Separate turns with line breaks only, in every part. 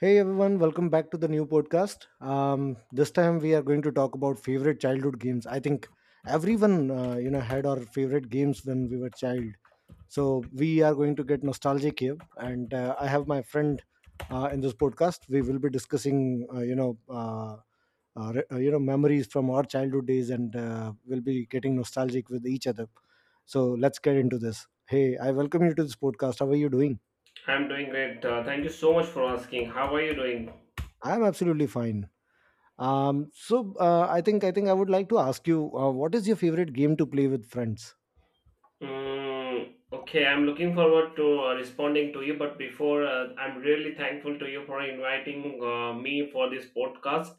Hey everyone, welcome back to the new podcast. This time we are going to talk about favorite childhood games. I think everyone, had our favorite games when we were child. So we are going to get nostalgic here, and I have my friend in this podcast. We will be discussing, memories from our childhood days, and we'll be getting nostalgic with each other. So let's get into this. Hey, I welcome you to this podcast. How are you doing?
I'm doing great. Thank you so much for asking. How are you doing?
I'm absolutely fine. So I think I would like to ask you, what is your favorite game to play with friends?
Mm, okay, I'm looking forward to responding to you, but before I'm really thankful to you for inviting me for this podcast.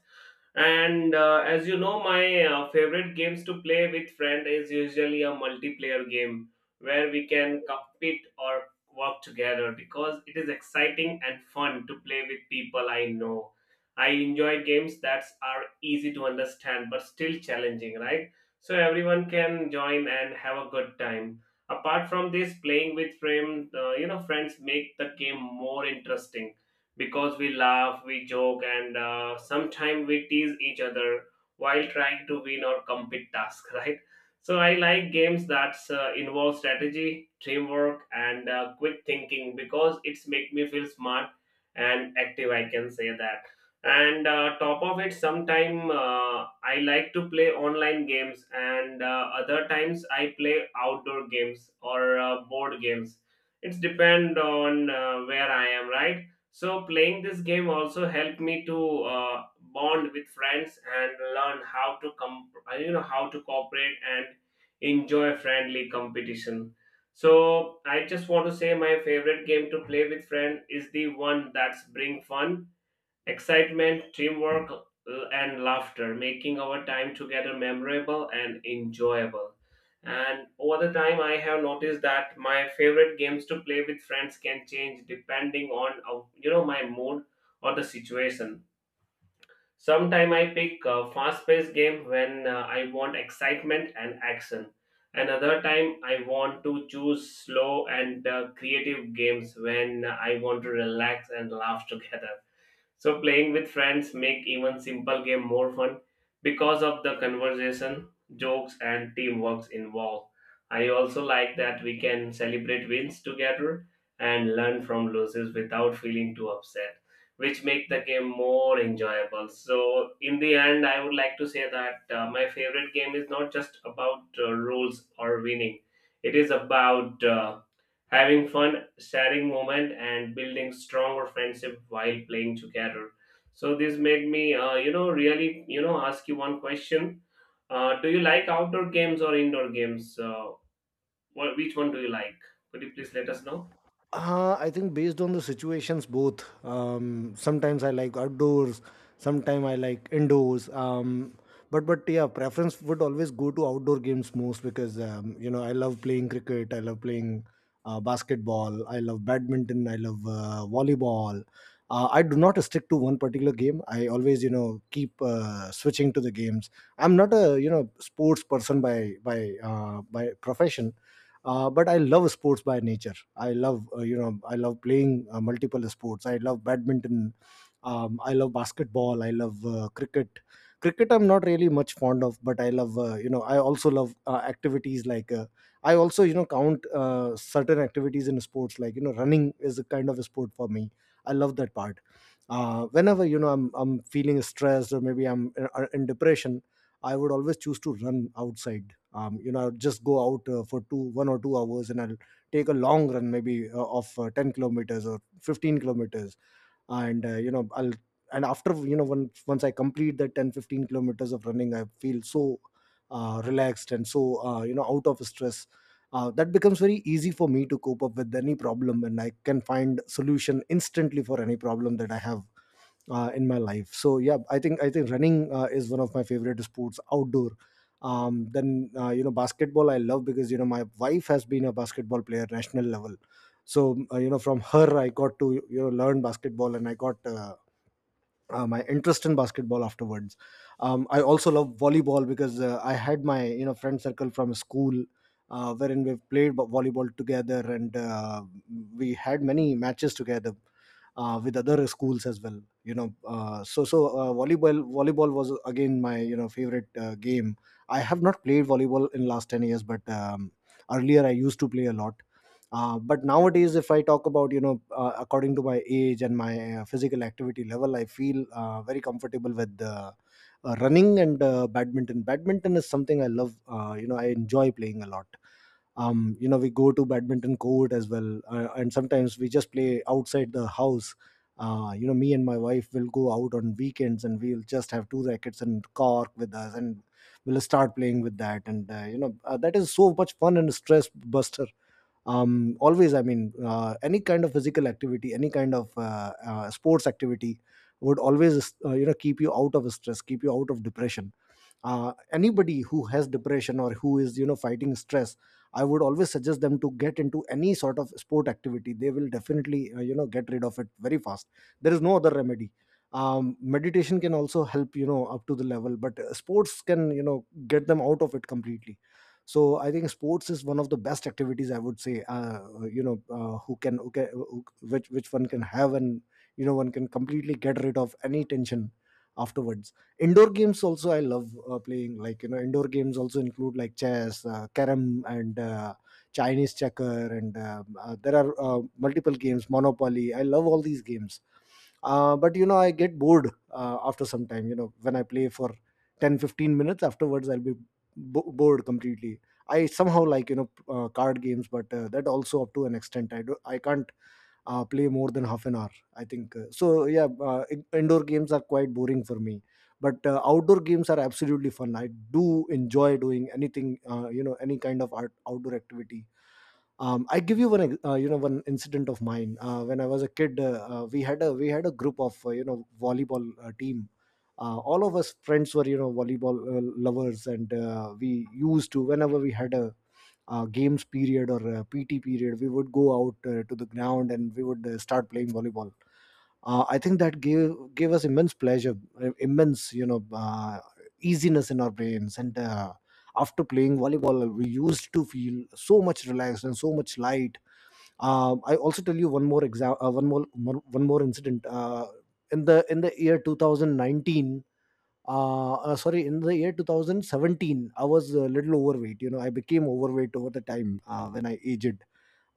And as you know, my favorite games to play with friend is usually a multiplayer game where we can compete or work together because it is exciting and fun to play with people I know. I enjoy games that are easy to understand but still challenging, right? So everyone can join and have a good time. Apart from this, playing with friends make the game more interesting because we laugh, we joke, and sometimes we tease each other while trying to win or complete tasks, right? So I like games that involve strategy, teamwork, and quick thinking because it's make me feel smart and active. I can say that. And top of it sometime I like to play online games, and other times I play outdoor games or board games. It's depend on where I am, right? So playing this game also helped me to bond with friends and learn how to how to cooperate and enjoy friendly competition. So I just want to say my favorite game to play with friend is the one that's bring fun, excitement, and laughter, making our time together memorable and enjoyable. And over the time, I have noticed that my favorite games to play with friends can change depending on my mood or the situation. Sometimes I pick a fast-paced game when I want excitement and action. Another time, I want to choose slow and creative games when I want to relax and laugh together, so playing with friends make even simple game more fun because of the conversation, jokes, and teamwork involved. I also like that we can celebrate wins together and learn from losses without feeling too upset, which make the game more enjoyable. So in the end, I would like to say that my favorite game is not just about rules or winning. It is about having fun, sharing moment, and building stronger friendship while playing together. So this made me, really, ask you one question. Do you like outdoor games or indoor games? Which one do you like? Could you please let us know?
I think based on the situations, both. Sometimes I like outdoors, sometimes I like indoors. But yeah, preference would always go to outdoor games most, because I love playing cricket, I love playing basketball, I love badminton, I love volleyball. I do not stick to one particular game. I always keep switching to the games. I'm not a sports person by profession, but I love sports by nature. I love playing multiple sports. I love badminton, I love basketball, I love cricket. Cricket I'm not really much fond of, but I love. I also love activities like I also count certain activities in sports, like running is a kind of a sport for me. I love that part. Whenever I'm feeling stressed, or maybe I'm in depression, I would always choose to run outside. I'll just go out for two one or two hours, and I'll take a long run, maybe of 10 kilometers or 15 kilometers. And uh, you know i'll and after once I complete the 10-15 kilometers of running, I feel so relaxed, and so out of stress. That becomes very easy for me to cope up with any problem, and I can find solution instantly for any problem that I have in my life. So yeah, I think running is one of my favorite sports outdoor. Then basketball I love, because my wife has been a basketball player national level. So from her I got to learn basketball, and I got my interest in basketball afterwards. I also love volleyball, because I had my friend circle from school, wherein we've played volleyball together, and we had many matches together with other schools as well. So volleyball was again my favorite game. I have not played volleyball in last 10 years, but earlier I used to play a lot. But nowadays, if I talk about according to my age and my physical activity level, I feel very comfortable with running and badminton. Badminton is something I love. I enjoy playing a lot. We go to badminton court as well, and sometimes we just play outside the house. Me and my wife will go out on weekends, and we'll just have two rackets and cork with us, and we'll start playing with that. And that is so much fun and stress buster. Always, I mean any kind of physical activity, any kind of sports activity would always keep you out of stress, keep you out of depression. Anybody who has depression, or who is fighting stress, I would always suggest them to get into any sort of sport activity. They will definitely get rid of it very fast. There is no other remedy. Meditation can also help up to the level, but sports can get them out of it completely. So I think sports is one of the best activities, I would say. Who can who can who, which one can have, and one can completely get rid of any tension afterwards. Indoor games also I love playing. Like indoor games also include like chess, carom, and Chinese checker, and there are multiple games. Monopoly. I love all these games. But I get bored after some time. When I play for 10 15 minutes, afterwards I'll be bored completely. I somehow like, card games, but that also up to an extent. I can't play more than half an hour. I think so. Yeah, indoor games are quite boring for me, but outdoor games are absolutely fun. I do enjoy doing anything, any kind of art, outdoor activity. I give you one, ex- you know, one incident of mine. When I was a kid, we had a group of volleyball team. All of us friends were volleyball lovers, and we used to, whenever we had a games period or PT period, we would go out to the ground, and we would start playing volleyball. I think that gave us immense pleasure, immense easiness in our brains. And after playing volleyball, we used to feel so much relaxed and so much light. I also tell you one more exam, one more incident. In the year 2019, sorry, in the year 2017, I was a little overweight. I became overweight over the time, when I aged.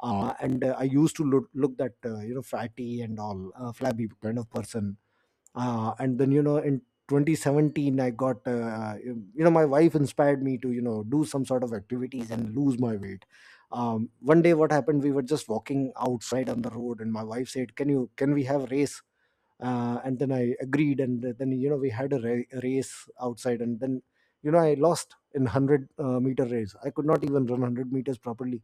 And I used to look that, fatty and all, flabby kind of person. And then in 2017, I got you you know my wife inspired me to do some sort of activities and lose my weight. One day, what happened, we were just walking outside on the road, and my wife said, can we have race? And then I agreed, and then we had a race outside. And then I lost in 100 meter race. I could not even run 100 meters properly,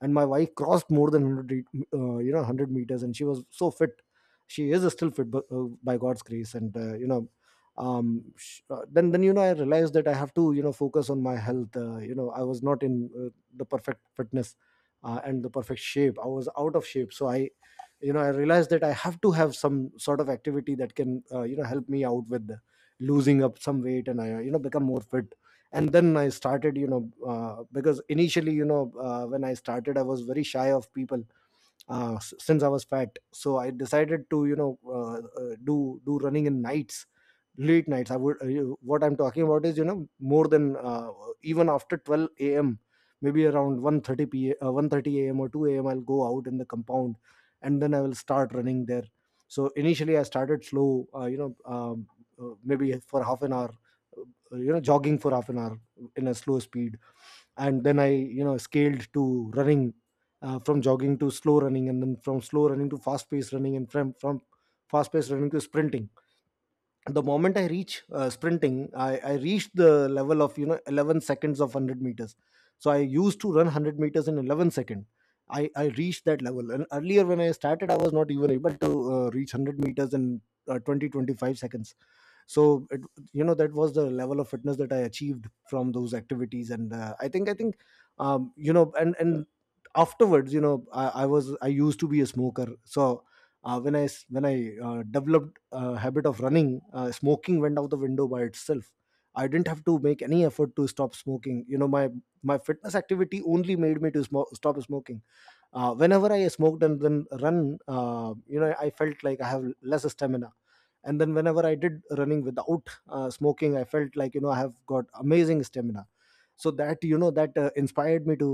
and my wife crossed more than 100, 100 meters, and she was so fit. She is still fit, but, by God's grace. And then I realized that I have to focus on my health. I was not in the perfect fitness and the perfect shape. I was out of shape. So I you know I realized that I have to have some sort of activity that can help me out with losing up some weight, and I become more fit. And then I started, because initially, when I started I was very shy of people. Since I was fat, so I decided to uh, uh, do do running in nights. Late nights I would, what I'm talking about is, more than even after 12 a.m., maybe around 1:30 p.m., 1:30 a.m. or 2 a.m., I'll go out in the compound, and then I will start running there. So initially I started slow, maybe for half an hour, jogging for half an hour in a slow speed. And then I scaled to running, from jogging to slow running, and then from slow running to fast pace running, and from fast pace running to sprinting. The moment I reach sprinting, I reached the level of 11 seconds of 100 meters. So I used to run 100 meters in 11 seconds. I reached that level. And earlier when I started, I was not even able to reach 100 meters in 20 25 seconds. So it, that was the level of fitness that I achieved from those activities. And I think. And afterwards, I used to be a smoker. So when I developed a habit of running, smoking went out the window by itself. I didn't have to make any effort to stop smoking, you know, my fitness activity only made me to stop smoking. Whenever I smoked and then run, you know, I felt like I have less stamina. And then whenever I did running without smoking, I felt like, you know, I have got amazing stamina. So that, you know, that inspired me to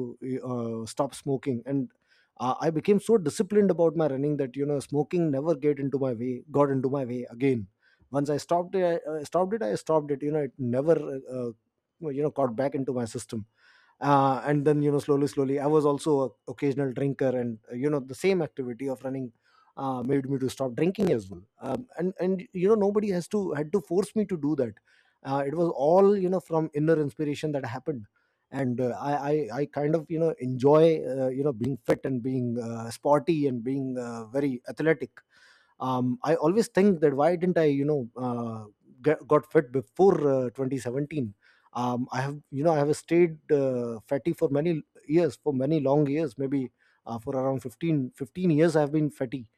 stop smoking. And I became so disciplined about my running that, you know, smoking never get into my way got into my way again. Once I stopped it, I stopped it, I stopped it. You know, it never you know got back into my system. And then, you know, slowly slowly I was also a occasional drinker, and you know, the same activity of running made me to stop drinking as well. And you know nobody has to had to force me to do that. It was all, you know, from inner inspiration that happened. And I kind of, you know, enjoy you know being fit, and being sporty, and being very athletic. I always think that why didn't I, you know, got fit before 2017. I have, you know, I have stayed fatty for many years, for many long years, maybe for around 15 years I have been fatty.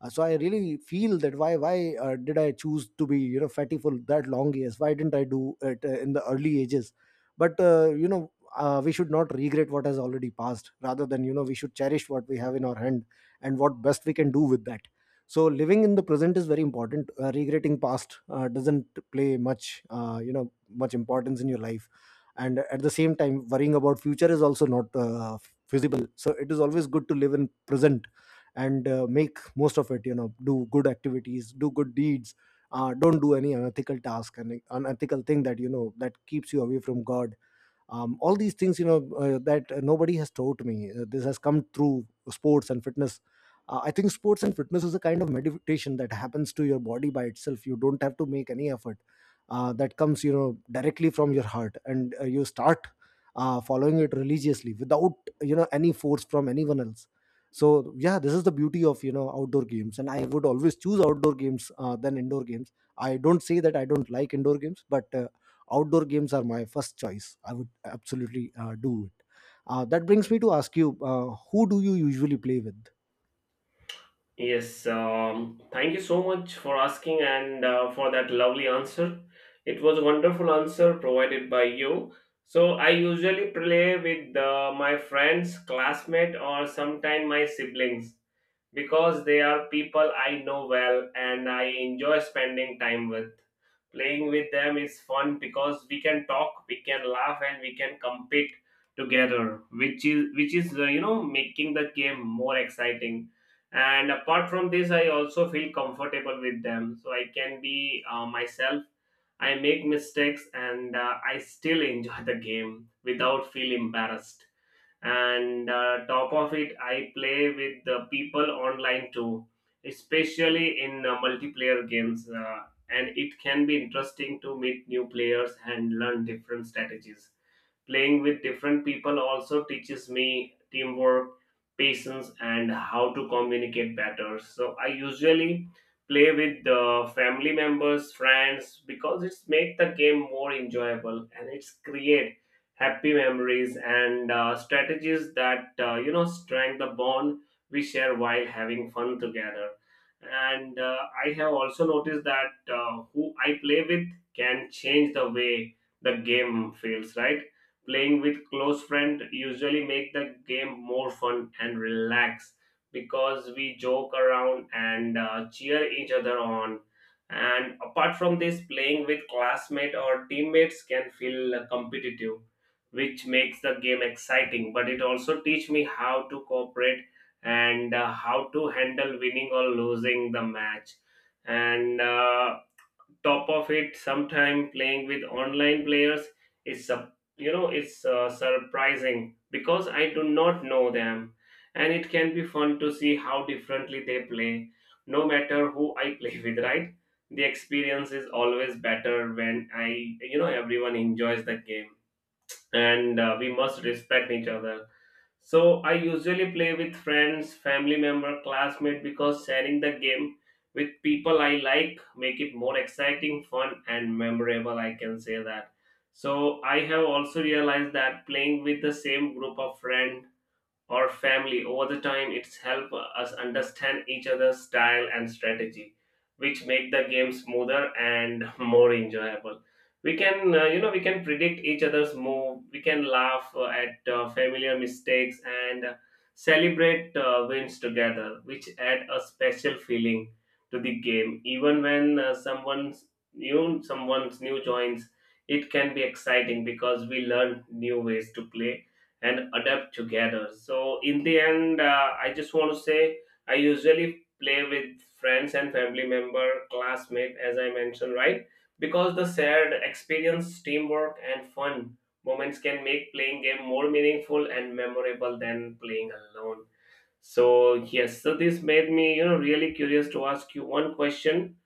So I really feel that why did I choose to be, you know, fatty for that long years? Why didn't I do it in the early ages? But you know we should not regret what has already passed. Rather, than you know we should cherish what we have in our hand, and what best we can do with that. So living in the present is very important. Regretting past doesn't play much you know much importance in your life, and at the same time worrying about future is also not feasible. So it is always good to live in present and make most of it, you know, do good activities, do good deeds. Don't do any unethical task and unethical thing that, you know, that keeps you away from God. All these things, you know that nobody has taught me. This has come through sports and fitness. I think sports and fitness is a kind of meditation that happens to your body by itself. You don't have to make any effort. That comes, you know, directly from your heart, and you start following it religiously without, you know, any force from anyone else. So yeah, this is the beauty of, you know, outdoor games, and I would always choose outdoor games than indoor games. I don't say that I don't like indoor games, but outdoor games are my first choice. I would absolutely do it. That brings me to ask you, who do you usually play with?
Yes, thank you so much for asking and for that lovely answer. It was a wonderful answer provided by you. So I usually play with my friends, classmate, or sometimes my siblings because they are people I know well and I enjoy spending time with. Playing with them is fun because we can talk, we can laugh, and we can compete together, which is making the game more exciting. And apart from this, I also feel comfortable with them, so I can be myself. I make mistakes, and I still enjoy the game without feel embarrassed. And top of it, I play with the people online too, especially in multiplayer games, and it can be interesting to meet new players and learn different strategies. Playing with different people also teaches me teamwork, patience, and how to communicate better. So I usually play with the family members, friends, because it's make the game more enjoyable and it's create happy memories, and strategies that strengthen the bond we share while having fun together. And I have also noticed that who I play with can change the way the game feels. Right, playing with close friend usually make the game more fun and relaxed because we joke around and cheer each other on. And apart from this, playing with classmate or teammates can feel competitive, which makes the game exciting, but it also teach me how to cooperate and how to handle winning or losing the match. And top of it, sometime playing with online players is sup- you know it's surprising because I do not know them, and it can be fun to see how differently they play. No matter who I play with, right? The experience is always better when I, you know, everyone enjoys the game, and we must respect each other. So I usually play with friends, family member, classmate, because sharing the game with people I like make it more exciting, fun, and memorable. I can say that. So I have also realized that playing with the same group of friends or family over the time it's helped us understand each other's style and strategy, which make the game smoother and more enjoyable. We can, we can predict each other's move, we can laugh at familiar mistakes, and celebrate wins together, which add a special feeling to the game. Even when someone's new joins, it can be exciting because we learn new ways to play and adapt together. So, in the end, I just want to say I usually play with friends and family member, classmate, as I mentioned, right? Because the shared experience, teamwork, and fun moments can make playing game more meaningful and memorable than playing alone. So, yes, so this made me, really curious to ask you one question.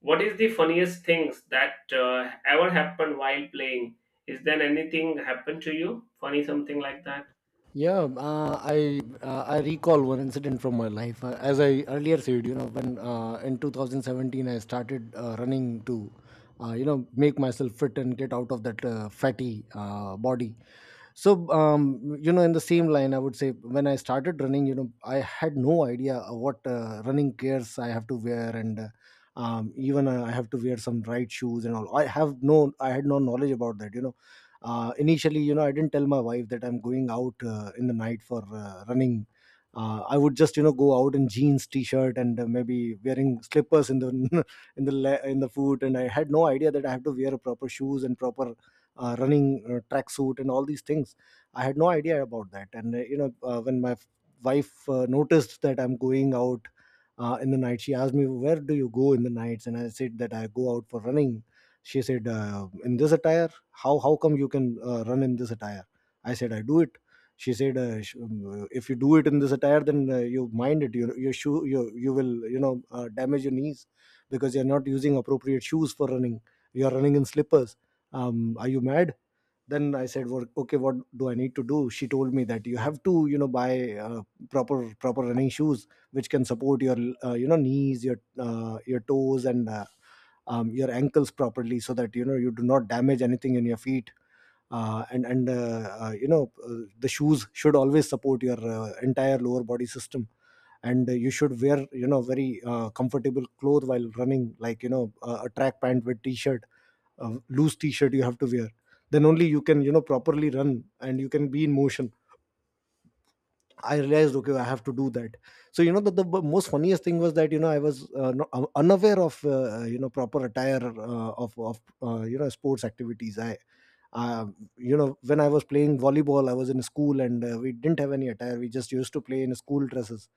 What is the funniest things that ever happened while playing? Is there anything happened to you? Funny something like that?
Yeah, I recall one incident from my life. As I earlier said, you know, when in 2017 I started running to, you know, make myself fit and get out of that fatty body. So, you know, in the same line, I would say when I started running, you know, I had no idea of what running gears I have to wear. And even I have to wear some right shoes and all. I had no knowledge about that. You know, initially you know I didn't tell my wife that I'm going out in the night for running. I would just, you know, go out in jeans t-shirt, and maybe wearing slippers in the in the foot, and I had no idea that I have to wear proper shoes and proper running tracksuit and all these things. I had no idea about that. And when my wife noticed that I'm going out in the night, she asked me, where do you go in the nights? And I said that I go out for running. She said, in this attire, how come you can run in this attire? I said, I do it. She said, if you do it in this attire, then you mind it, your shoe, you will, you know, damage your knees because you're not using appropriate shoes for running. You're running in slippers. Are you mad? Then I said, well, okay, what do I need to do? She told me that you have to, you know, buy proper running shoes which can support your you know knees, your toes, and your ankles properly, so that, you know, you do not damage anything in your feet. And you know The shoes should always support your entire lower body system. And you should wear, you know, very comfortable clothes while running, like, you know, a track pant with t-shirt, a loose t-shirt you have to wear. Then only you can, you know, properly run and you can be in motion. I realized, okay, I have to do that. So you know, the most funniest thing was that, you know, I was unaware of you know proper attire of you know sports activities. I uh, you know, when I was playing volleyball, I was in school, and we didn't have any attire. We just used to play in school dresses,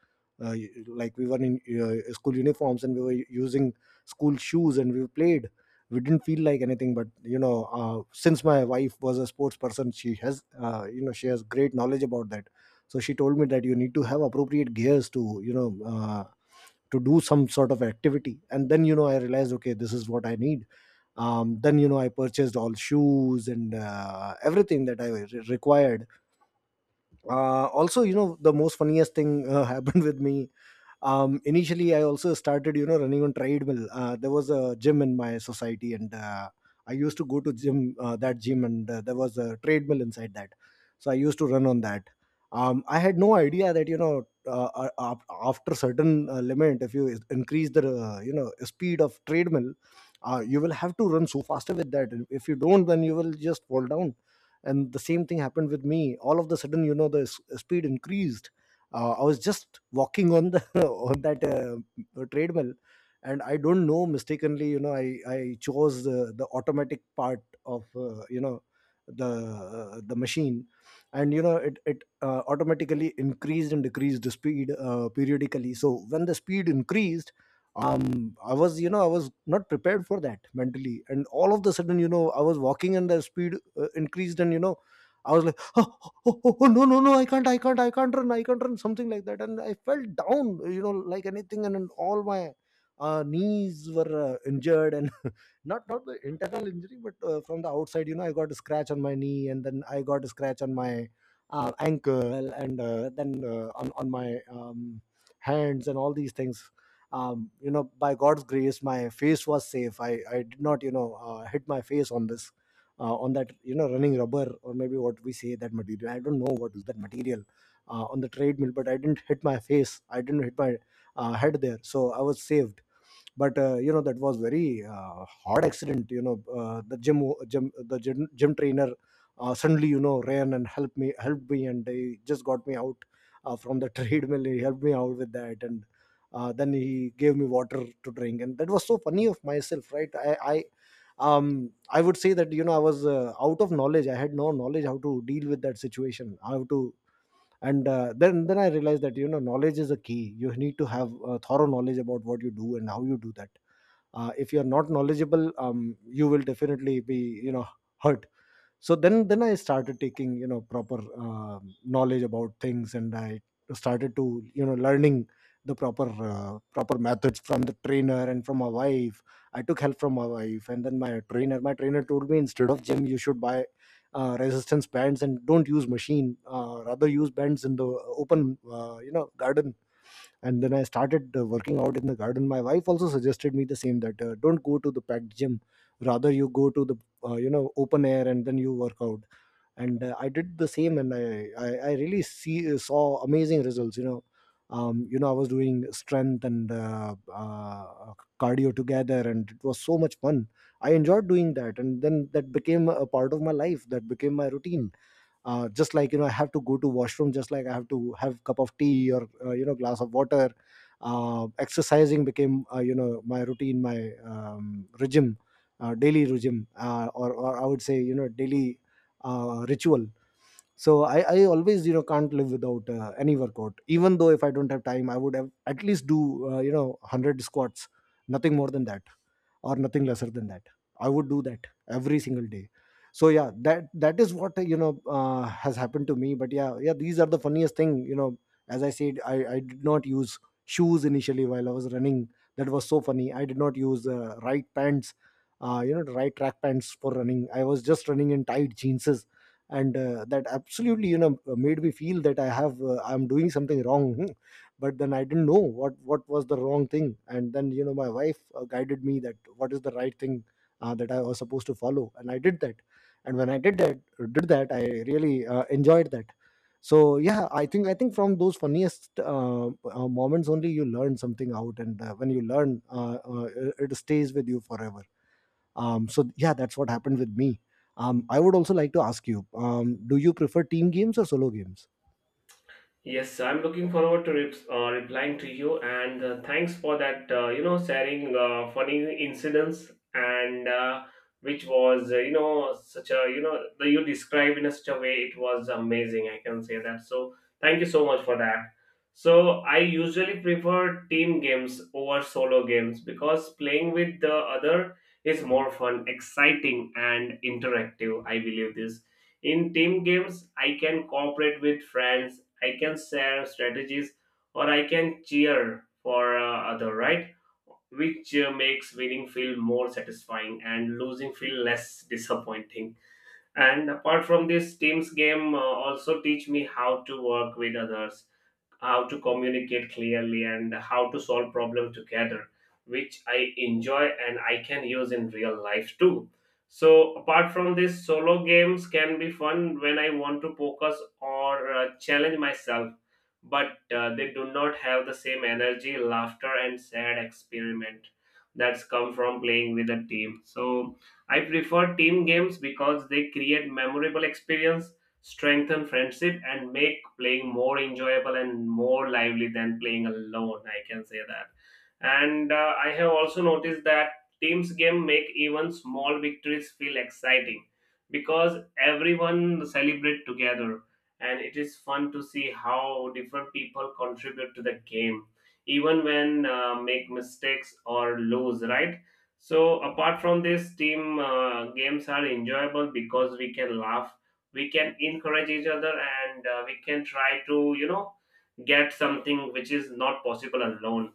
like we were in school uniforms and we were using school shoes, and we played. We didn't feel like anything, but you know, since my wife was a sports person, she has, she has great knowledge about that. So she told me that you need to have appropriate gears to, you know, to do some sort of activity. And then, you know, I realized, okay, this is what I need. Then, you know, I purchased all shoes and everything that I required. Also, you know, the most funniest thing happened with me. Initially, I also started, you know, running on treadmill. There was a gym in my society, and I used to go to gym that gym, and there was a treadmill inside that. So I used to run on that. I had no idea that, you know, after certain limit, if you increase the you know speed of treadmill, you will have to run so faster with that. And if you don't, then you will just fall down. And the same thing happened with me. All of the sudden, you know, speed increased. I was just walking on the on that treadmill, and I don't know, mistakenly, you know, I chose the automatic part of the machine. And you know, it automatically increased and decreased the speed periodically. So when the speed increased, um I was, you know, I was not prepared for that mentally. And all of the sudden, you know, I was walking and the speed increased, and you know, I was like, "Oh, oh, oh, oh, no, no, no, I can't, I can't, I can't run," something like that. And I felt down, you know, like anything, and then all my knees were injured, and not the internal injury, but from the outside, you know, I got a scratch on my knee, and then I got a scratch on my ankle, and then on my hands, and all these things. You know, by God's grace, my face was safe. I did not, hit my face on this on that running rubber, or maybe what we say that material. I don't know what is that material on the treadmill. But I didn't hit my face, I didn't hit my head there, so I was saved. But that was very hard accident. You know the gym, gym trainer suddenly, ran and helped me, and they just got me out from the treadmill. He helped me out with that, and then he gave me water to drink. And that was so funny of myself, right? I I would say that, I was out of knowledge, I had no knowledge how to deal with that situation, how to and then I realized that, knowledge is a key. You need to have thorough knowledge about what you do and how you do that. If you're not knowledgeable, you will definitely be, you know hurt. So then I started taking, proper knowledge about things, and I started to, learning the proper methods from the trainer and from my wife. I took help from my wife, and then my trainer, my trainer told me instead of gym you should buy resistance bands and don't use machine, rather use bands in the open, garden. And then I started working out in the garden. My wife also suggested me the same, that don't go to the packed gym, rather you go to the open air, and then you work out. And I did the same, and I really see saw amazing results, you know. I was doing strength and cardio together, and it was so much fun. I enjoyed doing that, and then that became a part of my life, that became my routine. Just like, I have to go to washroom, just like I have to have cup of tea or, glass of water. Exercising became, my routine, my regime, daily regime, or I would say, daily ritual. So I always, can't live without any workout. Even though if I don't have time, I would have at least do, 100 squats. Nothing more than that, or nothing lesser than that. I would do that every single day. So yeah, that is what, has happened to me. But yeah, yeah, these are the funniest thing, you know. As I said, I did not use shoes initially while I was running. That was so funny. I did not use right pants, right track pants for running. I was just running in tight jeans. And that absolutely, made me feel that I have I'm doing something wrong. Hmm. But then I didn't know what was the wrong thing, and then, my wife guided me that what is the right thing that I was supposed to follow, and I did that. And when I did that, I really enjoyed that. So yeah, I think from those funniest moments only you learn something out. And when you learn, it it stays with you forever. So yeah, that's what happened with me. I would also like to ask you: Do you prefer team games or solo games?
Yes, I'm looking forward to replying to you, and thanks for that. Sharing funny incidents, and which was you know such a you know the, you described in a such a way, it was amazing. I can say that. So thank you so much for that. So I usually prefer team games over solo games because playing with the other is more fun, exciting, and interactive. I believe this. In team games, I can cooperate with friends, I can share strategies, or I can cheer for other, right? Which makes winning feel more satisfying and losing feel less disappointing. And apart from this, teams game also teach me how to work with others, how to communicate clearly, and how to solve problems together, which I enjoy and I can use in real life too. So apart from this, solo games can be fun when I want to focus or challenge myself, but they do not have the same energy, laughter, and sad experiment that's come from playing with a team. So I prefer team games because they create memorable experience, strengthen friendship, and make playing more enjoyable and more lively than playing alone. I can say that. And I have also noticed that teams game make even small victories feel exciting because everyone celebrate together, and it is fun to see how different people contribute to the game even when make mistakes or lose, right? So apart from this, team games are enjoyable because we can laugh, we can encourage each other, and we can try to, you know, get something which is not possible alone.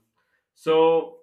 So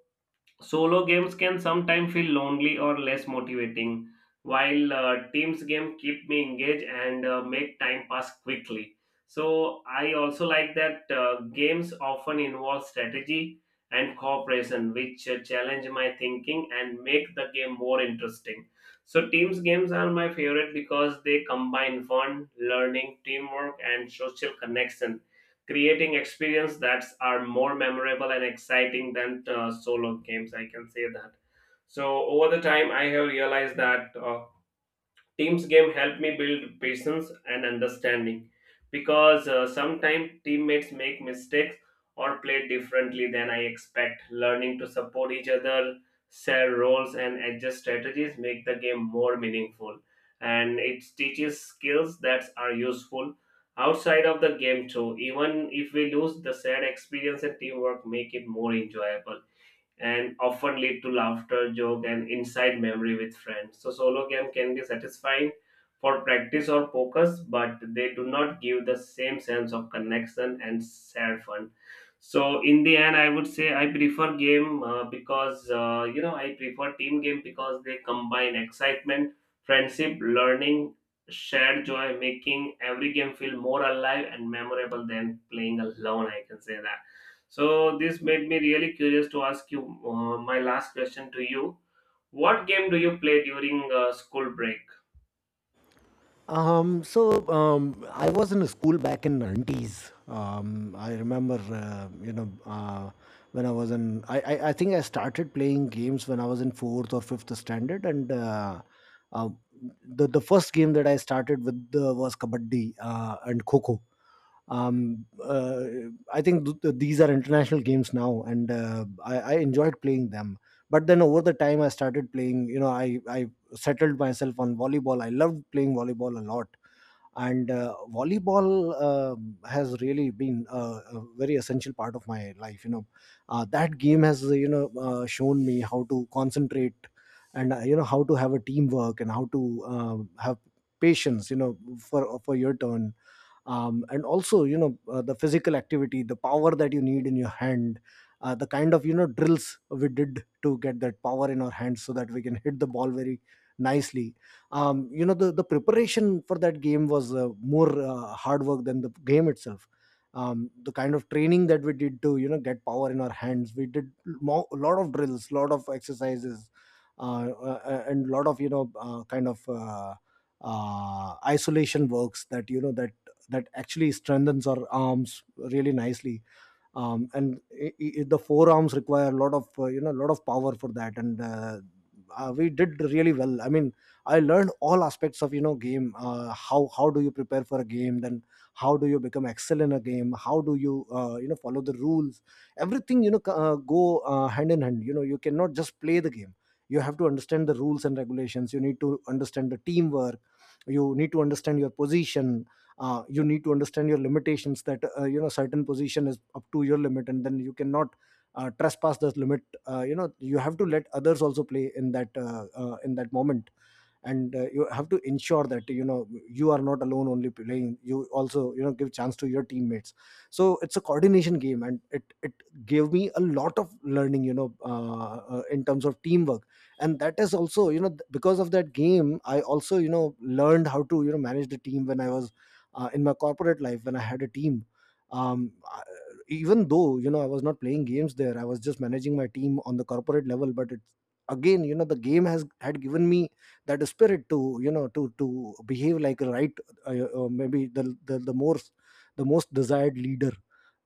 solo games can sometimes feel lonely or less motivating, while teams game keep me engaged and make time pass quickly. So I also like that games often involve strategy and cooperation, which challenge my thinking and make the game more interesting. So teams games are my favorite because they combine fun, learning, teamwork, and social connection, creating experience that are more memorable and exciting than solo games. I can say that. So over the time, I have realized that teams game help me build patience and understanding because sometimes teammates make mistakes or play differently than I expect. Learning to support each other, share roles, and adjust strategies make the game more meaningful, and it teaches skills that are useful outside of the game too. Even if we lose, the shared experience and teamwork make it more enjoyable and often lead to laughter, joke, and inside memory with friends. So solo game can be satisfying for practice or focus, but they do not give the same sense of connection and shared fun. So in the end, I would say I prefer game because you know I prefer team game because they combine excitement, friendship, learning, shared joy, making every game feel more alive and memorable than playing alone. I can say that. So this made me really curious to ask you my last question to you. What game do you play during school break?
I was in a school back in 90's. I remember, when I was in, I think I started playing games when I was in fourth or fifth standard, and uh, the first game that I started with was kabaddi and kho kho. um uh, I think these are international games now, and I enjoyed playing them. But then over the time I started playing, I settled myself on volleyball. I loved playing volleyball a lot. And volleyball has really been a very essential part of my life, you know. That game has, shown me how to concentrate, and, how to have a teamwork, and how to have patience, you know, for your turn. And also, the physical activity, the power that you need in your hand, the kind of, drills we did to get that power in our hands, so that we can hit the ball very nicely. You know, the preparation for that game was, more hard work than the game itself. The kind of training that we did to, get power in our hands, we did a lot of drills, lot of exercises, and lot of, kind of, isolation works that, that actually strengthens our arms really nicely. And I the forearms require a lot of, a lot of power for that. And we did really well, I mean, I learned all aspects of, game. How how do you prepare for a game, then how do you become excel in a game, how do you, you know follow the rules. Everything, you know, go hand in hand. You know, you cannot just play the game, you have to understand the rules and regulations, you need to understand the teamwork, you need to understand your position, you need to understand your limitations, that, certain position is up to your limit, and then you cannot trespass the limit. You know, you have to let others also play in that moment. And you have to ensure that, you are not alone only playing, you also, give chance to your teammates. So it's a coordination game, and it gave me a lot of learning, you know, in terms of teamwork. And that is also, because of that game I also, learned how to, manage the team, when I was in my corporate life, when I had a team. um I- Even though, you know, I was not playing games there, I was just managing my team on the corporate level. But it's again, you know, the game has had given me that spirit to, to behave like a right, uh, maybe the the most, the most desired leader.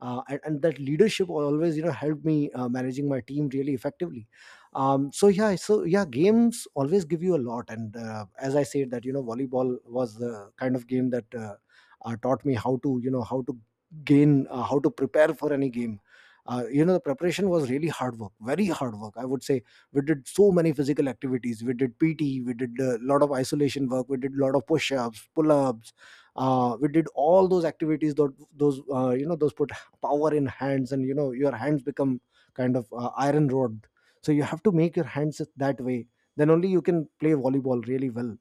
And that leadership always, helped me managing my team really effectively. So yeah, so yeah, games always give you a lot. And as I said that, you know, volleyball was the kind of game that, taught me how to, how to gain, how to prepare for any game. You know, the preparation was really hard work, very hard work, I would say. We did so many physical activities, we did PT, we did a lot of isolation work, we did a lot of push-ups, pull-ups, we did all those activities that, those, those put power in hands, and you know your hands become kind of, iron rod. So you have to make your hands that way, then only you can play volleyball really well.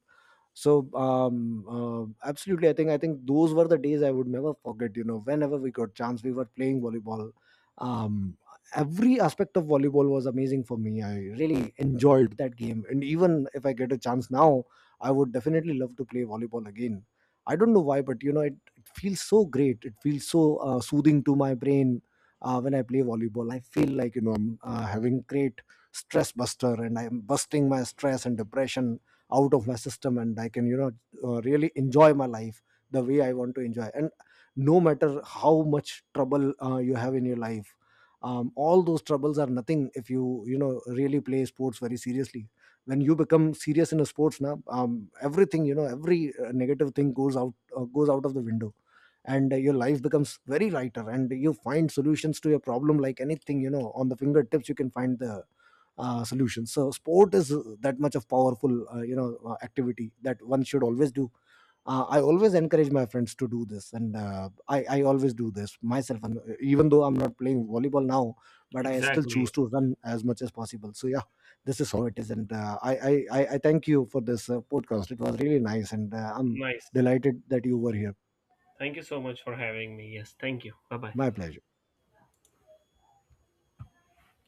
So absolutely, I think those were the days I would never forget. You know, whenever we got chance, we were playing volleyball. um every aspect of volleyball was amazing for me. I really enjoyed that game, and even if I get a chance now, I would definitely love to play volleyball again. I don't know why, but you know, it feels so great, it feels so, soothing to my brain. When I play volleyball, I feel like, you know, I'm, having great stress buster, and I'm busting my stress and depression out of my system, and I can, you know, really enjoy my life the way I want to enjoy. And no matter how much trouble you have in your life, all those troubles are nothing if you, you know, really play sports very seriously. When you become serious in a sports, now everything, you know, every negative thing goes out, goes out of the window. And your life becomes very lighter, and you find solutions to your problem like anything. You know, on the fingertips you can find the solutions. So sport is that much of powerful, activity that one should always do. I always encourage my friends to do this, and I always do this myself. And even though I'm not playing volleyball now, but I still
Exactly.
choose to run as much as possible. So yeah, this is how it is, and I thank you for this podcast. It was really nice, and I'm
Nice.
delighted that you were here.
Thank you so much for having me. Yes, thank you. Bye bye.
My pleasure.